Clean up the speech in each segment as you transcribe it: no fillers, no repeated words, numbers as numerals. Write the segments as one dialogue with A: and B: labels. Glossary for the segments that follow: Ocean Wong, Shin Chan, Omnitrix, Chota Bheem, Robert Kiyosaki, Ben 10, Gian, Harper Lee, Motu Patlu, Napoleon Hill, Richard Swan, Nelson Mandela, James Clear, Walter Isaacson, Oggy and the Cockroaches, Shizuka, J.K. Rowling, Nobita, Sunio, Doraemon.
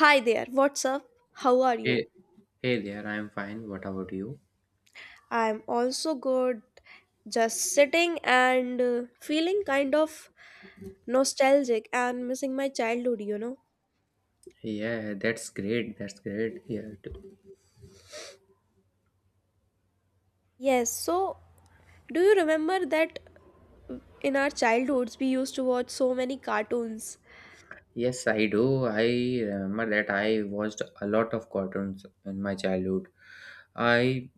A: Hi there, what's up? How are you?
B: Hey, hey there, I'm fine. What about you?
A: I'm also good, just sitting and feeling kind of nostalgic and missing my childhood, you know?
B: Yeah, that's great. That's great. Yeah,
A: Yes, so do you remember that in our childhoods we used to watch so many cartoons?
B: yes, I do. I remember that I watched a lot of cartoons in my childhood. I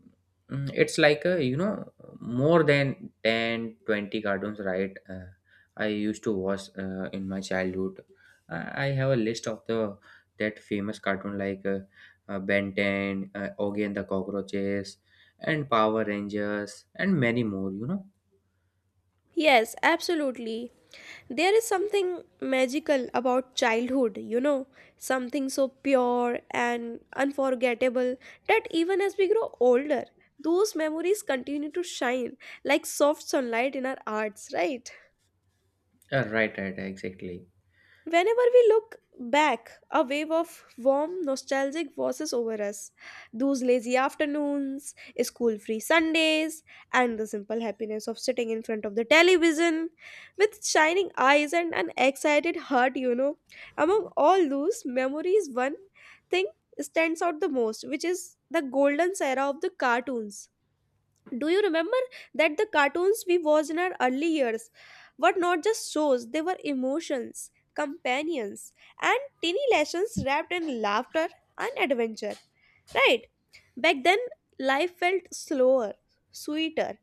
B: it's like you know, more than 10, 20 cartoons, I used to watch in my childhood. I have a list of the that famous cartoon like Ben 10, Oggy and the Cockroaches, and Power Rangers, and many more, you know.
A: Yes, absolutely. There is something magical about childhood, you know, something so pure and unforgettable that even as we grow older, those memories continue to shine like soft sunlight in our hearts, right?
B: Right, right, exactly.
A: Whenever we look back, a wave of warm, nostalgic washes over us. Those lazy afternoons, school free Sundays, and the simple happiness of sitting in front of the television with shining eyes and an excited heart, you know. Among all those memories, one thing stands out the most, which is the golden era of the cartoons. Do you remember that the cartoons we watched in our early years were not just shows, they were emotions, companions, and teeny lessons wrapped in laughter and adventure, right? Back then, life felt slower, sweeter,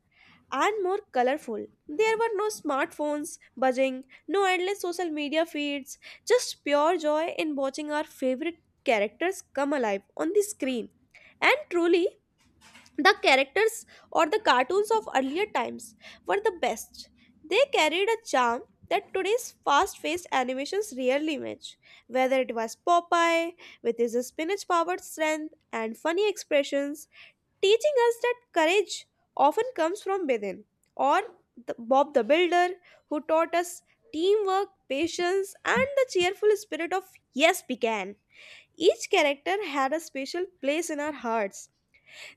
A: and more colorful. There were no smartphones buzzing, no endless social media feeds, just pure joy in watching our favorite characters come alive on the screen. And truly, the characters or the cartoons of earlier times were the best. They carried a charm that today's fast paced animations rarely match. Whether it was Popeye, with his spinach powered strength and funny expressions, teaching us that courage often comes from within, or the Bob the Builder, who taught us teamwork, patience, and the cheerful spirit of yes, we can. Each character had a special place in our hearts.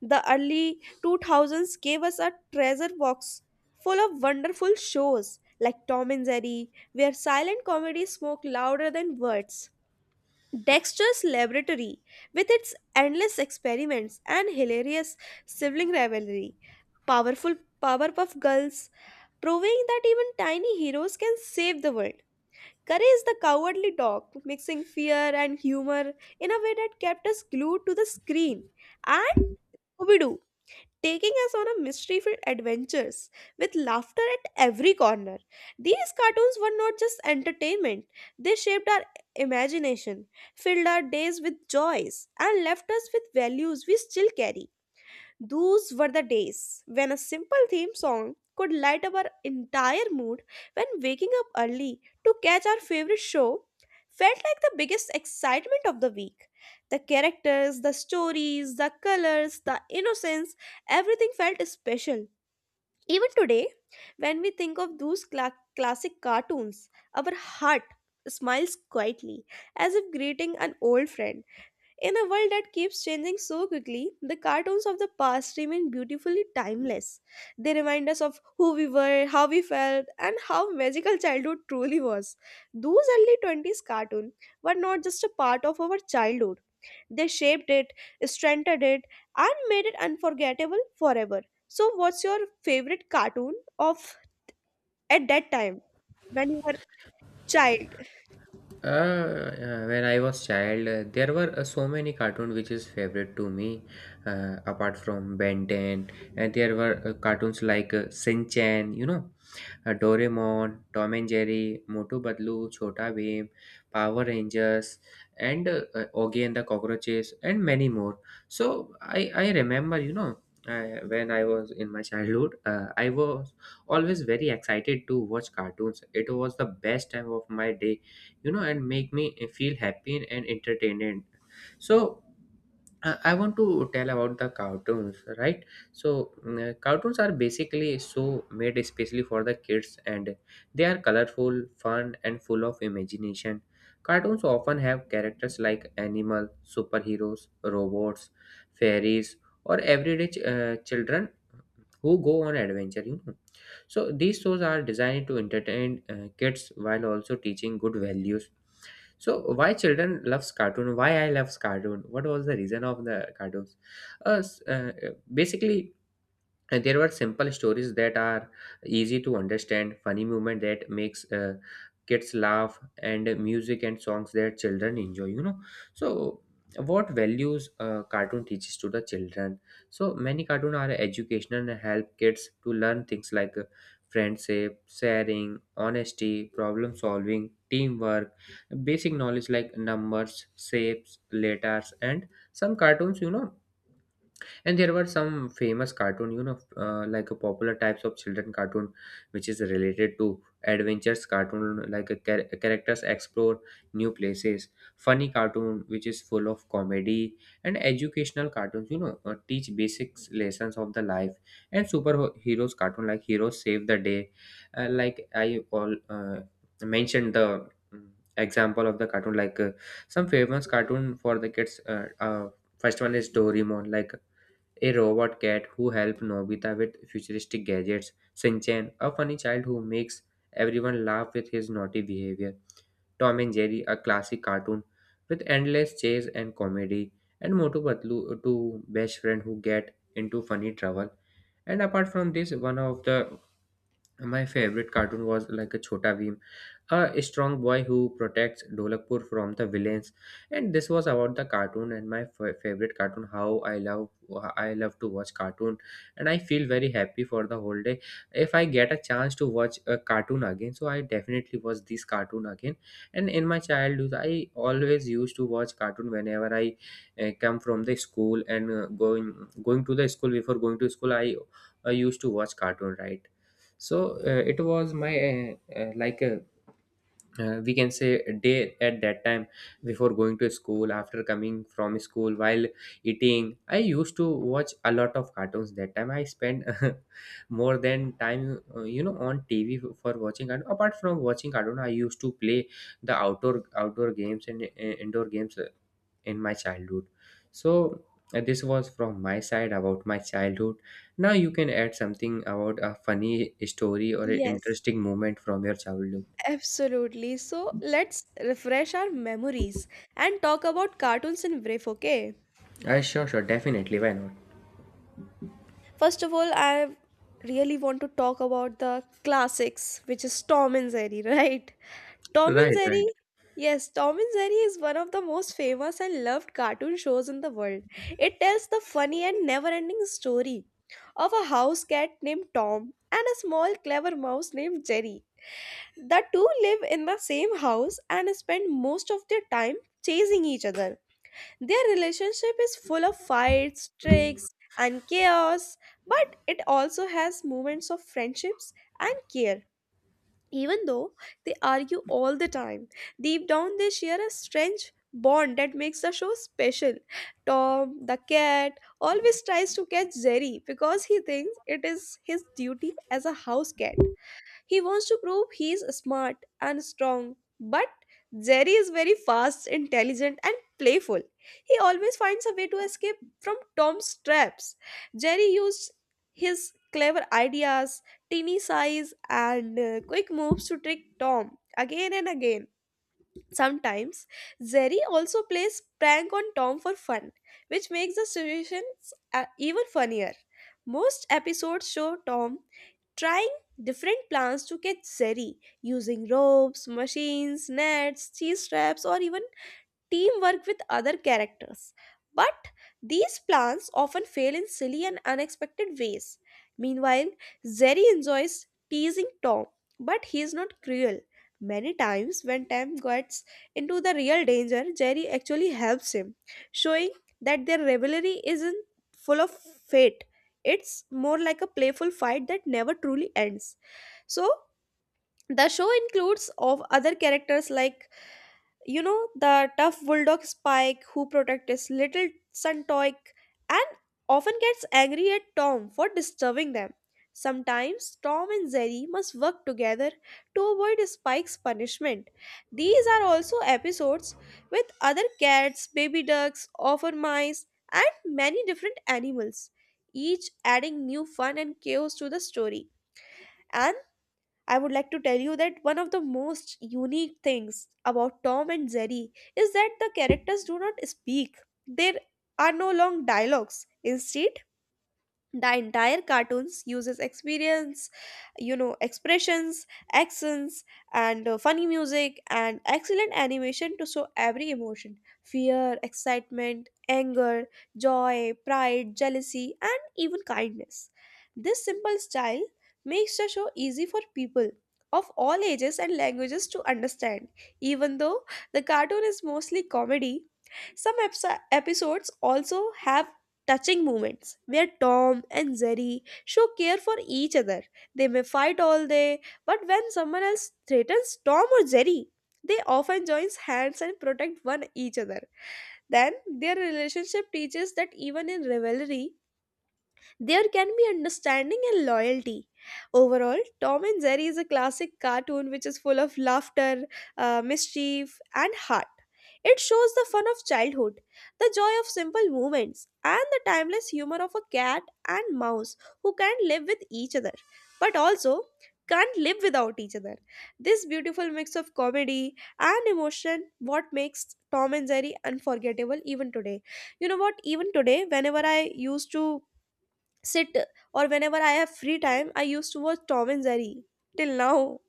A: The early 2000s gave us a treasure box full of wonderful shows like Tom and Jerry, where silent comedy spoke louder than words. Dexter's Laboratory, with its endless experiments and hilarious sibling rivalry. Powerful Powerpuff Girls, proving that even tiny heroes can save the world. Courage the Cowardly Dog, mixing fear and humor in a way that kept us glued to the screen. And Scooby Doo, taking us on a mystery filled adventures with laughter at every corner. These cartoons were not just entertainment, they shaped our imagination, filled our days with joys, and left us with values we still carry. Those were the days when a simple theme song could light up our entire mood, when waking up early to catch our favorite show felt like the biggest excitement of the week. The characters, the stories, the colors, the innocence, everything felt special. Even today, when we think of those classic cartoons, our heart smiles quietly as if greeting an old friend. In a world that keeps changing so quickly, the cartoons of the past remain beautifully timeless. They remind us of who we were, how we felt, and how magical childhood truly was. Those early 20s cartoons were not just a part of our childhood, they shaped it, strengthened it, and made it unforgettable forever. So, what's your favorite cartoon of at that time when you were child?
B: When I was child, there were so many cartoons which is favorite to me. Apart from Ben 10, and there were cartoons like Shin Chan, you know, Doraemon, Tom and Jerry, Motu Patlu, Chota Bheem, Power Rangers, and Oggy and the Cockroaches, and many more. So I remember, you know, I, when I was in my childhood, I was always very excited to watch cartoons. It was the best time of my day, you know, and make me feel happy and entertained. So I want to tell about the cartoons, right? So cartoons are basically so made especially for the kids, and they are colorful, fun, and full of imagination. Cartoons often have characters like animal, superheroes, robots, fairies, or everyday children who go on adventure. You know, so these shows are designed to entertain kids while also teaching good values. So why children loves cartoon? Why I loves cartoon? What was the reason of the cartoons? Uh, s- uh, Basically, and there were simple stories that are easy to understand, funny movement that makes kids laugh, and music and songs that children enjoy, you know. So what values cartoon teaches to the children? So many cartoon are educational and help kids to learn things like friendship, sharing, honesty, problem solving, teamwork, basic knowledge like numbers, shapes, letters, and some cartoons, you know. And there were some famous cartoon, you know, like a popular types of children cartoon which is related to adventures cartoon like a characters explore new places, funny cartoon which is full of comedy, and educational cartoons, you know, teach basic lessons of the life, and superheroes cartoon like heroes save the day. Like I all mentioned the mm, example of the cartoon like some famous cartoon for the kids. First one is doraemon, like a robot cat who helps Nobita with futuristic gadgets, Shinchan, a funny child who makes everyone laugh with his naughty behavior, Tom and Jerry, a classic cartoon with endless chase and comedy, and Motu Patlu, two best friends who get into funny trouble. And apart from this, one of the my favorite cartoon was like a Chota Bheem, a strong boy who protects Dolakpur from the villains. And this was about the cartoon and my favorite cartoon. How I love to watch cartoon, and I feel very happy for the whole day. If I get a chance to watch a cartoon again, so I definitely watch this cartoon again. And in my childhood, I always used to watch cartoon whenever I come from the school, and going to the school, before going to school. I used to watch cartoon, right? So it was my like a, we can say a day at that time. Before going to school, after coming from school, while eating, I used to watch a lot of cartoons. That time I spent more than time, you know, on tv for watching cartoon. Apart from watching cartoon, I used to play the outdoor games and indoor games in my childhood. So this was from my side about my childhood. Now you can add something about a funny story or an
A: Yes.
B: interesting moment from your childhood.
A: Absolutely. So let's refresh our memories and talk about cartoons in brief, okay?
B: I sure, sure, definitely, why not.
A: First of all, I really want to talk about the classics, which is Tom and Jerry, right? Tom and
B: Right,
A: Jerry,
B: right.
A: yes, Tom and Jerry is one of the most famous and loved cartoon shows in the world. It tells the funny and never ending story of a house cat named Tom and a small clever mouse named Jerry. The two live in the same house and spend most of their time chasing each other. Their relationship is full of fights, tricks, and chaos, but it also has moments of friendships and care. Even though they argue all the time, deep down they share a strange bond that makes the show special. Tom, the cat, always tries to catch Jerry because he thinks it is his duty as a house cat. He wants to prove he is smart and strong, but Jerry is very fast, intelligent, and playful. He always finds a way to escape from Tom's traps. Jerry used his clever ideas, teeny size, and quick moves to trick Tom again and again. Sometimes, Jerry also plays prank on Tom for fun, which makes the situations even funnier. Most episodes show Tom trying different plants to catch zeri using ropes, machines, nets, cheese traps, or even teamwork with other characters. But these plans often fail in silly and unexpected ways. Meanwhile, Zeri enjoys teasing Tom, but he is not cruel. Many times, when Tom gets into the real danger, Jerry actually helps him, showing that their rivalry isn't full of fate. It's more like a playful fight that never truly ends. So, the show includes of other characters like, you know, the tough bulldog Spike, who protects his little son Toik and often gets angry at Tom for disturbing them. Sometimes Tom and Jerry must work together to avoid Spike's punishment. These are also episodes with other cats, baby ducks, offer mice, and many different animals, each adding new fun and chaos to the story. And I would like to tell you that one of the most unique things about Tom and Jerry is that the characters do not speak. There are no long dialogues. Instead, the entire cartoons uses experience, you know, expressions, accents, and funny music and excellent animation to show every emotion: fear, excitement, anger, joy, pride, jealousy, and even kindness. This simple style makes the show easy for people of all ages and languages to understand. Even though the cartoon is mostly comedy, some episodes also have touching moments where Tom and Jerry show care for each other. They may fight all day, but when someone else threatens Tom or Jerry, they often join hands and protect one each other. Then their relationship teaches that even in rivalry, there can be understanding and loyalty. Overall, Tom and Jerry is a classic cartoon which is full of laughter, mischief, and heart. It shows the fun of childhood, the joy of simple moments, and the timeless humor of a cat and mouse who can live with each other, but also can't live without each other. This beautiful mix of comedy and emotion what makes Tom and Jerry unforgettable even today. You know what? Even today, whenever I used to sit or whenever I have free time, I used to watch Tom and Jerry till now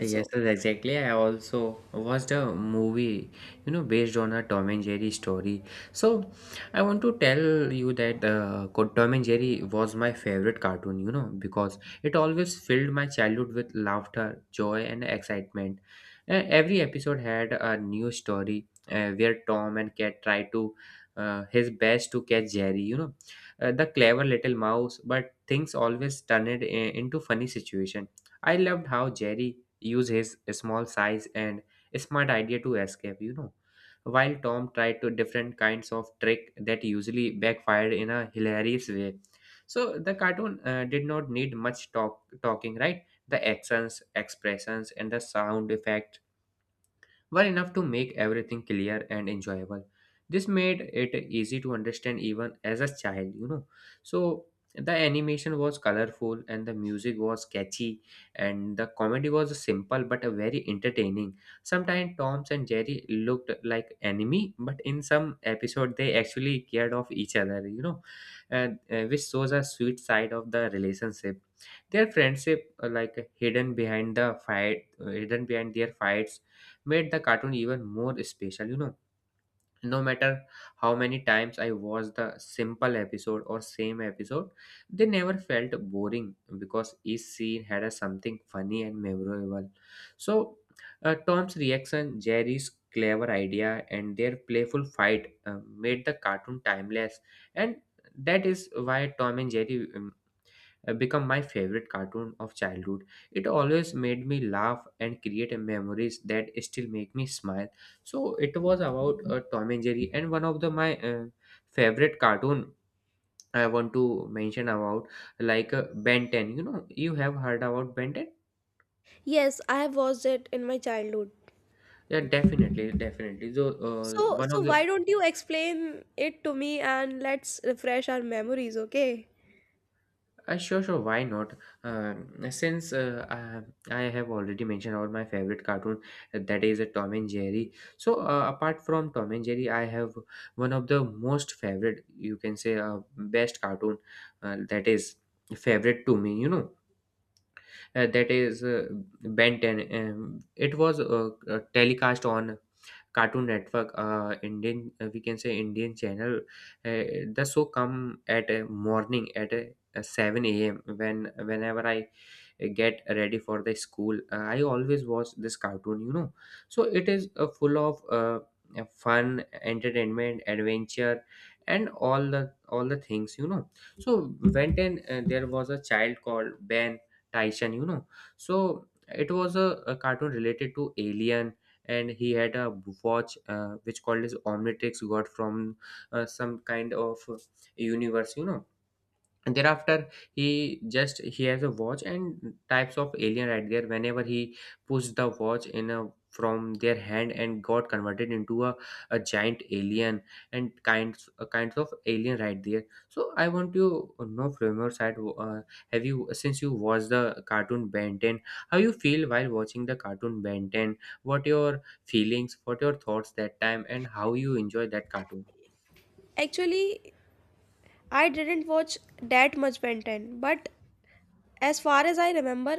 B: Yes, sir, exactly. I also watched a movie, you know, based on a Tom and Jerry story. So, I want to tell you that Tom and Jerry was my favorite cartoon, you know, because it always filled my childhood with laughter, joy, and excitement. Every episode had a new story where Tom and Cat tried to his best to catch Jerry, you know, the clever little mouse, but things always turned into funny situation. I loved how Jerry used his small size and smart idea to escape, you know, while Tom tried to different kinds of trick that usually backfired in a hilarious way. So the cartoon did not need much talking, right? The actions, expressions, and the sound effect were enough to make everything clear and enjoyable. This made it easy to understand even as a child, you know. So the animation was colorful, and the music was catchy, and the comedy was simple but a very entertaining. Sometimes Tom's and Jerry looked like enemy, but in some episode they actually cared of each other, you know, and which shows a sweet side of the relationship. Their friendship, hidden behind their fights, made the cartoon even more special. You know, no matter how many times I watched the simple episode or same episode, they never felt boring because each scene had a something funny and memorable. So, Tom's reaction, Jerry's clever idea, and their playful fight made the cartoon timeless, and that is why Tom and Jerry become my favorite cartoon of childhood. It always made me laugh and create memories that still make me smile. So it was about Tom and Jerry, and one of the my favorite cartoon I want to mention about like Ben 10. You know, you have heard about Ben 10?
A: Yes, I have watched it in my childhood.
B: Yeah, definitely, definitely. So
A: So,
B: one
A: so
B: of the
A: why don't you explain it to me and let's refresh our memories, okay?
B: Sure, sure. Why not? Since I have already mentioned about my favorite cartoon, that is a Tom and Jerry. So apart from Tom and Jerry, I have one of the most favorite, you can say, best cartoon that is favorite to me. You know, that is Ben 10. It was telecast on Cartoon Network, Indian, we can say Indian channel. Uh, the show come at a morning at a 7 a.m. when whenever I get ready for the school, I always watch this cartoon. You know, so it is full of fun, entertainment, adventure, and all the things. You know, so when then there was a child called Ben Tyson. You know, so it was a cartoon related to alien, and he had a watch which called as Omnitrix, got from some kind of universe, you know. And thereafter, he has a watch and types of alien right there. Whenever he pushed the watch in a from their hand, and got converted into a giant alien, and kinds kinds of alien right there. So I want to know from your side, have you, since you watched the cartoon Ben 10, how you feel while watching the cartoon Ben 10, what your feelings, what your thoughts that time, and how you enjoy that cartoon.
A: Actually, I didn't watch that much Ben 10, but as far as I remember,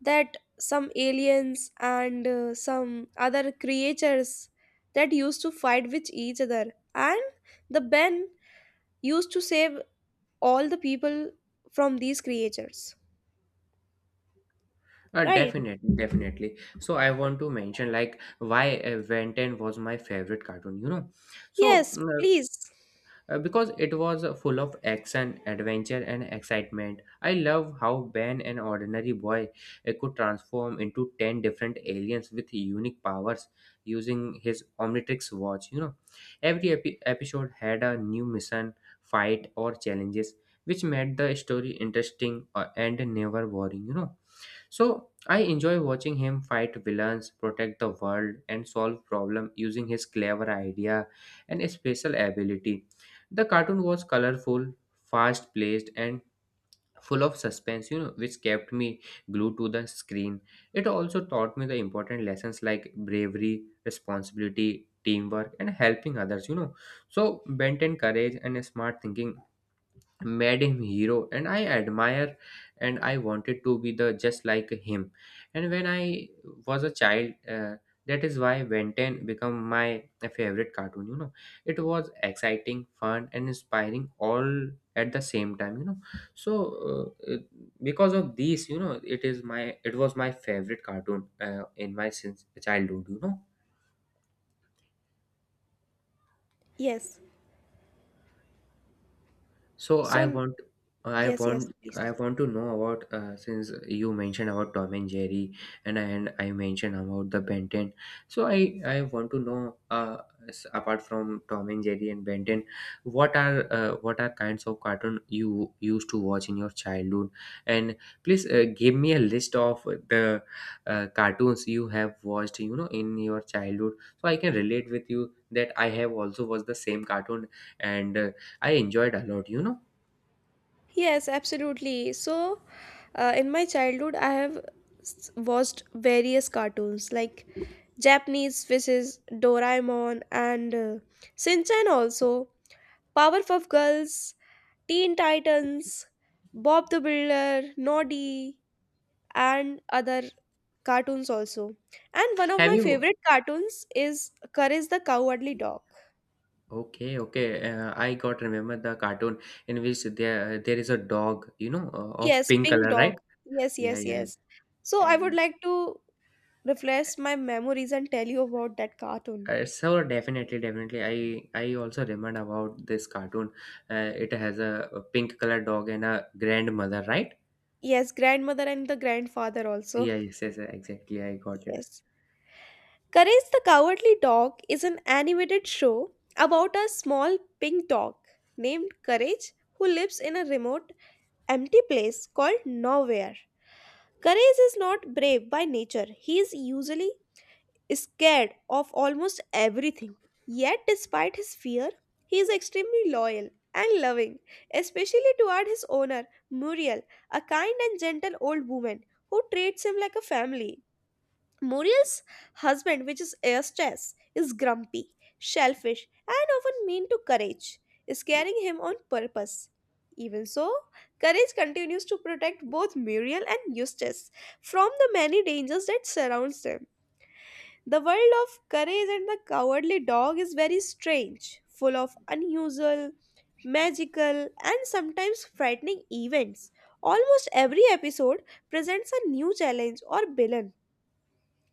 A: that some aliens and some other creatures that used to fight with each other, and the Ben used to save all the people from these creatures. Right?
B: Definitely, definitely. So I want to mention like why Ben 10 was my favorite cartoon, you know. So
A: Yes, please.
B: because it was full of action, adventure, and excitement. I love how Ben, an ordinary boy, could transform into 10 different aliens with unique powers using his Omnitrix watch, you know. Every episode had a new mission, fight, or challenges, which made the story interesting and never boring, you know. So I enjoy watching him fight villains, protect the world, and solve problems using his clever idea and special ability. The cartoon was colorful, fast paced, and full of suspense, you know, which kept me glued to the screen. It also taught me the important lessons like bravery, responsibility, teamwork, and helping others, you know. So, bent and courage and smart thinking made him hero, and I admire, and I wanted to be the just like him. And when I was a child, that is why Ben 10 become my favorite cartoon, you know. It was exciting, fun, and inspiring all at the same time, you know. So uh, it- because of these, you know, it was my favorite cartoon in my since childhood, you know.
A: Yes.
B: So I
A: So,
B: want, I
A: yes, yes,
B: want,
A: please.
B: I want to know about since you mentioned about Tom and Jerry, and I mentioned about the Ben 10. So I want to know apart from Tom and Jerry and Ben 10, what are kinds of cartoon you used to watch in your childhood? And please give me a list of the cartoons you have watched, in your childhood, so I can relate with you that I have also watched the same cartoon and I enjoyed a lot,
A: Yes, absolutely. So, in my childhood, I have watched various cartoons like Japanese fishes, Doraemon, and Shinchan also, Powerpuff Girls, Teen Titans, Bob the Builder, Noddy, and other cartoons also. And one of
B: Have
A: my
B: you?
A: favorite cartoons is Courage the Cowardly Dog.
B: Okay, okay. I got remember the cartoon in which there is a dog, of
A: Yes,
B: pink
A: Pink
B: color,
A: Dog.
B: right?
A: Yes,
B: Yeah,
A: yes,
B: yeah, yeah.
A: yes. So I would
B: And
A: like to refresh my memories and tell you about that cartoon.
B: so definitely, definitely, I also remember about this cartoon. It has a pink color dog and a grandmother, right?
A: Yes, grandmother and the grandfather also.
B: Yeah, yes, yes, exactly. I got it.
A: Yes. Courage the Cowardly Dog is an animated show about a small pink dog named Courage who lives in a remote, empty place called Nowhere. Courage is not brave by nature. He is usually scared of almost everything. Yet, despite his fear, he is extremely loyal and loving, especially toward his owner, Muriel, a kind and gentle old woman who treats him like a family. Muriel's husband, which is Eustace, is grumpy, selfish, and often mean to Courage, scaring him on purpose. Even so, Courage continues to protect both Muriel and Eustace from the many dangers that surrounds them. The world of Courage and the Cowardly Dog is very strange, full of unusual, magical, and sometimes frightening events. Almost every episode presents a new challenge or villain.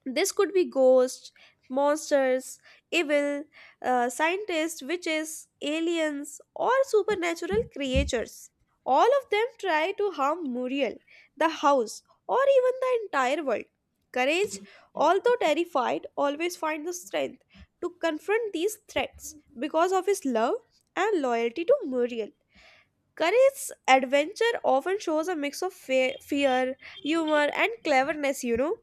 A: This could be ghosts, monsters, evil, scientists, witches, aliens, or supernatural creatures. All of them try to harm Muriel, the house, or even the entire world. Courage, although terrified, always finds the strength to confront these threats because of his love and loyalty to Muriel. Curry's adventure often shows a mix of fear, humor, and cleverness, you know.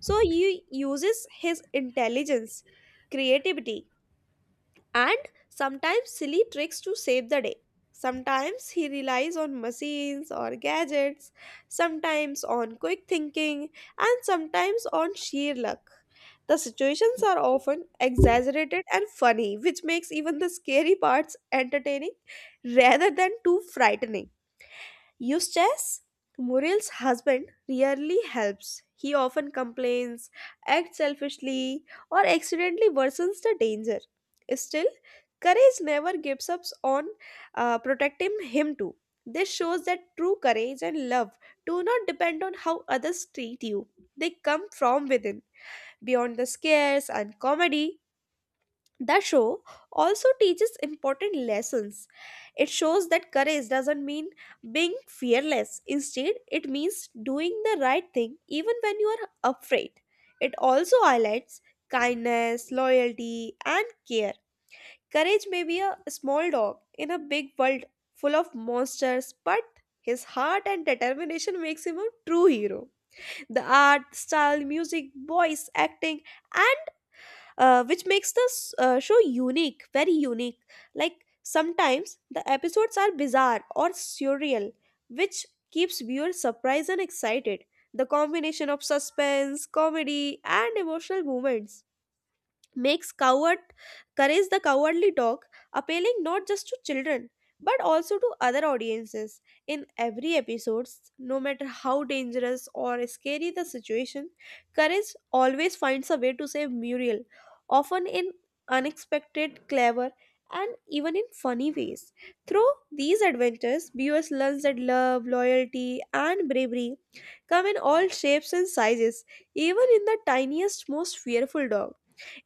A: So he uses his intelligence, creativity, and sometimes silly tricks to save the day. Sometimes he relies on machines or gadgets, sometimes on quick thinking, and sometimes on sheer luck. The situations are often exaggerated and funny, which makes even the scary parts entertaining rather than too frightening. Eustace, Muriel's husband, rarely helps. He often complains, acts selfishly, or accidentally worsens the danger. Still, courage never gives up on protecting him too. This shows that true courage and love do not depend on how others treat you. They come from within, beyond the scares and comedy. The show also teaches important lessons. It shows that courage doesn't mean being fearless. Instead, it means doing the right thing even when you are afraid. It also highlights kindness, loyalty, and care. Courage may be a small dog in a big world full of monsters, but his heart and determination makes him a true hero. The art, style, music, voice, acting, and which makes this show unique, very unique. Like sometimes the episodes are bizarre or surreal, which keeps viewers surprised and excited. The combination of suspense, comedy, and emotional moments makes coward courage the cowardly dog appealing not just to children but also to other audiences in every episode, no matter how dangerous or scary the situation. Courage always finds a way to save Muriel, often in unexpected, clever, and even in funny ways. Through these adventures, viewers learn that love, loyalty, and bravery come in all shapes and sizes, even in the tiniest, most fearful dog.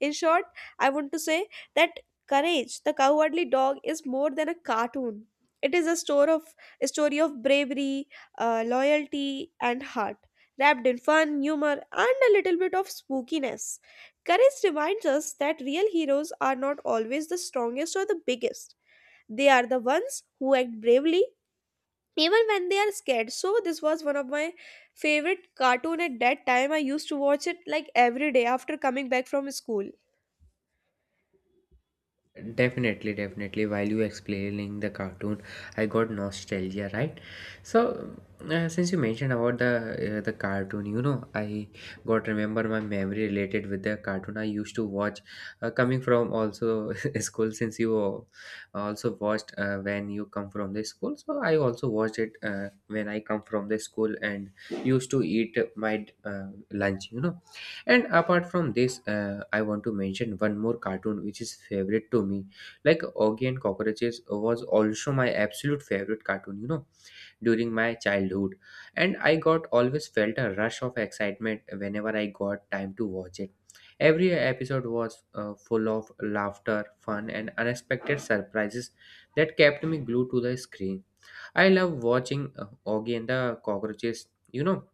A: In short, I want to say that Courage, the Cowardly Dog, is more than a cartoon. It is a store of a story of bravery, loyalty, and heart, wrapped in fun, humor, and a little bit of spookiness. Courage reminds us that real heroes are not always the strongest or the biggest. They are the ones who act bravely even when they are scared. So this was one of my favorite cartoon at that time. I used to watch it like every day after coming back from school.
B: Definitely, definitely. While you explaining the cartoon, I got nostalgia, right? So, since you mentioned about the cartoon, I got remember my memory related with the cartoon I used to watch, coming from also school. Since you also watched when you come from the school, so I also watched it when I come from the school and used to eat my lunch. You know, and apart from this, I want to mention one more cartoon which is favorite to me. Like Augie and Cockroaches was also my absolute favorite cartoon, you know, during my childhood. And I got always felt a rush of excitement whenever I got time to watch it. Every episode was full of laughter, fun, and unexpected surprises that kept me glued to the screen. I love watching Augie and the Cockroaches,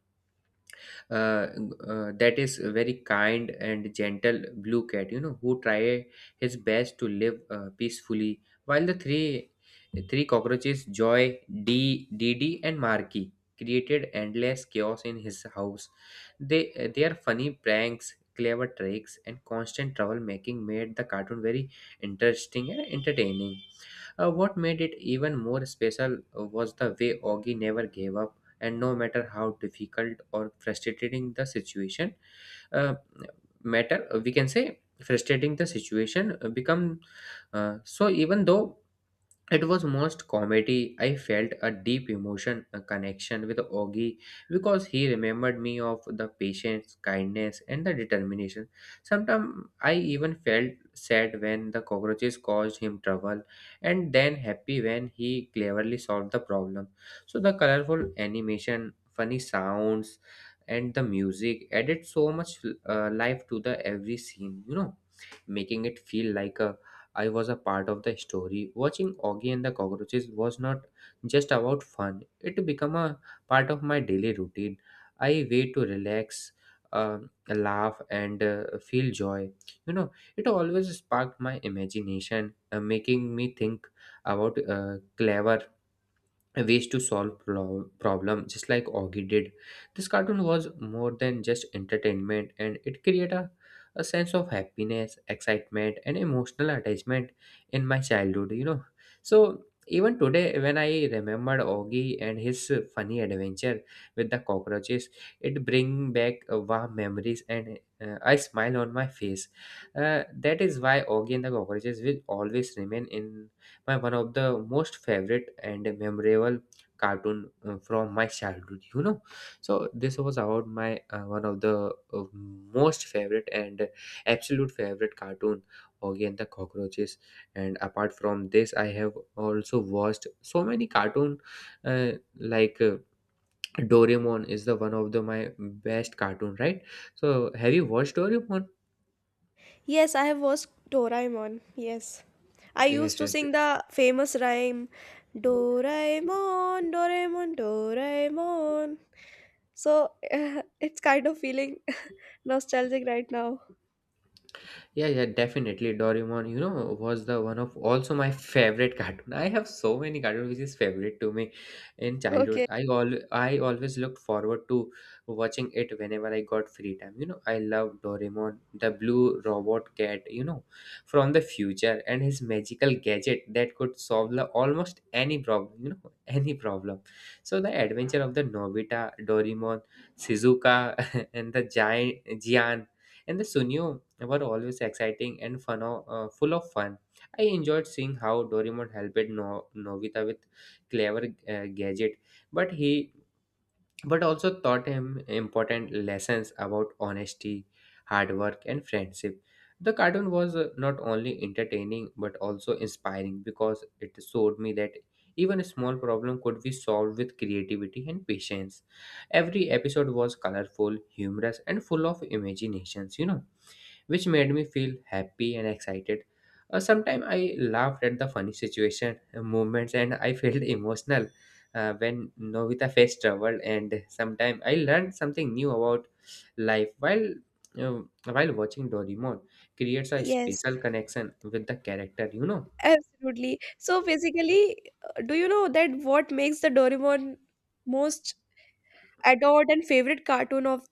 B: uh, that is a very kind and gentle blue cat, you know, who try his best to live peacefully while the three cockroaches, Joy, d Dd, and Marky, created endless chaos in his house. They Their funny pranks, clever tricks, and constant troublemaking made the cartoon very interesting and entertaining. What made it even more special was the way Augie never gave up, and no matter how difficult or frustrating uh, we can say frustrating the situation become. So even though it was most comedy. I felt a deep emotion, a connection with Augie because he remembered me of the patience, kindness, and the determination. Sometimes I even felt sad when the cockroaches caused him trouble, and then happy when he cleverly solved the problem. So the colorful animation, funny sounds, and the music added so much life to the every scene. You know, making it feel like a I was a part of the story. Watching Augie and the cockroaches was not just about fun, it became a part of my daily routine. I way to relax, uh, laugh, and feel joy. You know, it always sparked my imagination, making me think about clever ways to solve problem just like Augie did. This cartoon was more than just entertainment, and it created a sense of happiness, excitement, and emotional attachment in my childhood, you know. So even today when I remembered Augie and his funny adventure with the cockroaches, it bring back warm memories and I smile on my face. That is why Augie and the cockroaches will always remain in my one of the most favorite and memorable cartoon from my childhood, you know. So this was about my one of the most favorite and absolute favorite cartoon, Oggy and the cockroaches. And apart from this, I have also watched so many cartoon, uh, like Doraemon is the one of the my best cartoon, right? So have you watched Doraemon?
A: Yes, I have watched Doraemon. Yes. I used
B: Yes,
A: to
B: yes.
A: sing the famous rhyme Doraemon, Doraemon, Doraemon. So it's kind of feeling nostalgic right now.
B: Yeah, yeah, definitely. Doraemon, you know, was the one of also my favorite cartoon. I have so many cartoons which is favorite to me in childhood.
A: Okay.
B: I always looked forward to watching it whenever I got free time. You know, I love Doraemon, the blue robot cat, you know, from the future and his magical gadget that could solve the, almost any problem, you know, any problem. So the adventure of the Nobita, Doraemon, Shizuka and the giant Gian and the Sunio were always exciting and fun, full of fun. I enjoyed seeing how Doraemon helped Novita with clever gadget, but he but also taught him important lessons about honesty, hard work, and friendship. The cartoon was not only entertaining but also inspiring because it showed me that even a small problem could be solved with creativity and patience. Every episode was colorful, humorous, and full of imaginations, you know, which made me feel happy and excited. Sometimes I laughed at the funny situation, movements, and I felt emotional when Novita faced trouble. And sometimes I learned something new about life uh, while watching Doraemon. Creates a
A: Yes,
B: special connection with the character, you know.
A: absolutely. So basically, do you know that what makes the Doraemon most adored and favorite cartoon of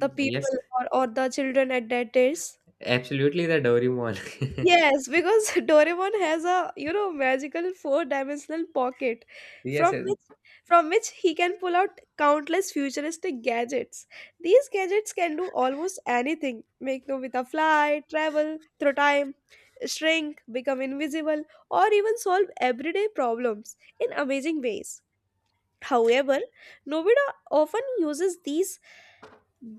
A: the
B: Yes,
A: people, or the children at that age?
B: absolutely the Doraemon.
A: Yes, because Doraemon has a, you know, magical four-dimensional pocket
B: Yes,
A: from which from which he can pull out countless futuristic gadgets. These gadgets can do almost anything. Make Nobita fly, travel through time, shrink, become invisible, or even solve everyday problems in amazing ways. However, Nobita often uses these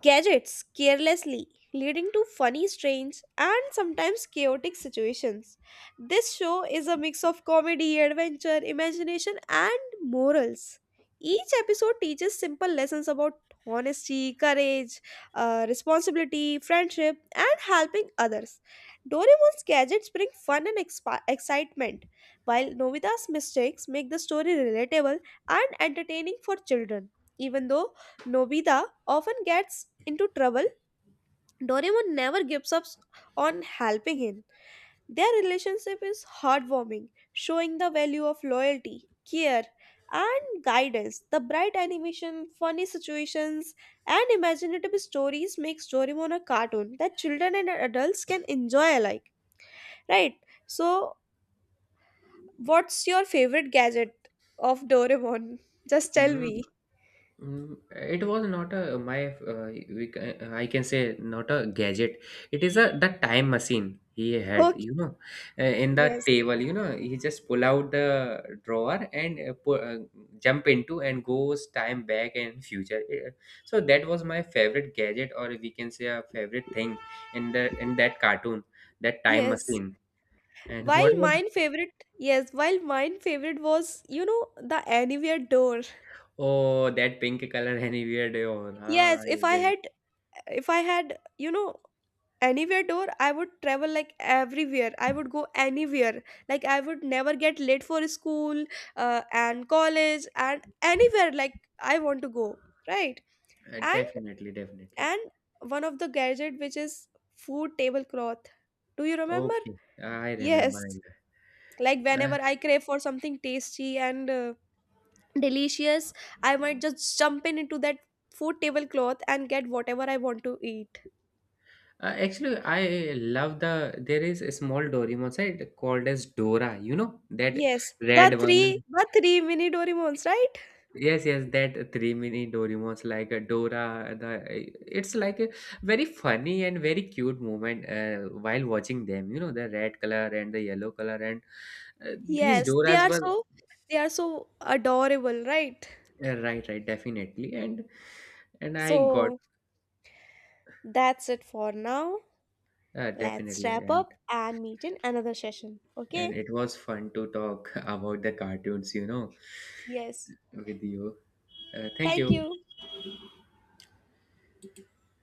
A: gadgets carelessly, leading to funny, strange, and sometimes chaotic situations. This show is a mix of comedy, adventure, imagination, and morals. Each episode teaches simple lessons about honesty, courage, responsibility, friendship, and helping others. Doraemon's gadgets bring fun and excitement, while Nobita's mistakes make the story relatable and entertaining for children. Even though Nobita often gets into trouble, Doraemon never gives up on helping him. Their relationship is heartwarming, showing the value of loyalty, care, and guidance. The bright animation, funny situations, and imaginative stories makes Doraemon a cartoon that children and adults can enjoy alike. Right? So, what's your favorite gadget of Doraemon? Just tell
B: yes.
A: me.
B: Mm, it was not a my I can say not a gadget. It is a the time machine he had.
A: Okay.
B: You know, in the
A: Yes.
B: table. You know, he just pull out the drawer and jump into and goes time back and future. So that was my favorite gadget, or we can say a favorite thing in that cartoon, that time
A: Yes.
B: machine. And what
A: While
B: was
A: mine favorite, yes, while mine favorite was, you know, the anywhere door.
B: oh that pink color anywhere? Oh, ah,
A: Yes,
B: I get it.
A: if I had, you know, anywhere door, I would travel like everywhere. I would go anywhere. Like I would never get late for school, and college and anywhere like I want to go, right? And
B: Definitely, definitely.
A: and one of the gadget which is food tablecloth. Do you remember?
B: Okay, I remember. I
A: Yes.
B: remember.
A: Like whenever
B: Uh,
A: I crave for something tasty and delicious, I might just jump in into that food tablecloth and get whatever I want to eat.
B: Actually, I love the. There is a small Doraemon side called as Dora. You know that
A: Yes,
B: red one.
A: the three mini Doraemons, right?
B: Yes, yes, that three mini Doraemons like Dora. The it's like a very funny and very cute moment while watching them. You know the red color and the yellow color, and these
A: Yes,
B: Doras were
A: they are so adorable, right?
B: right, right, definitely. And I got
A: So that's it for now. Let's
B: definitely.
A: wrap up and meet in another session.
B: And
A: Okay.
B: it was fun to talk about the cartoons, you know,
A: Yes,
B: with you. Thank
A: thank
B: you.
A: you.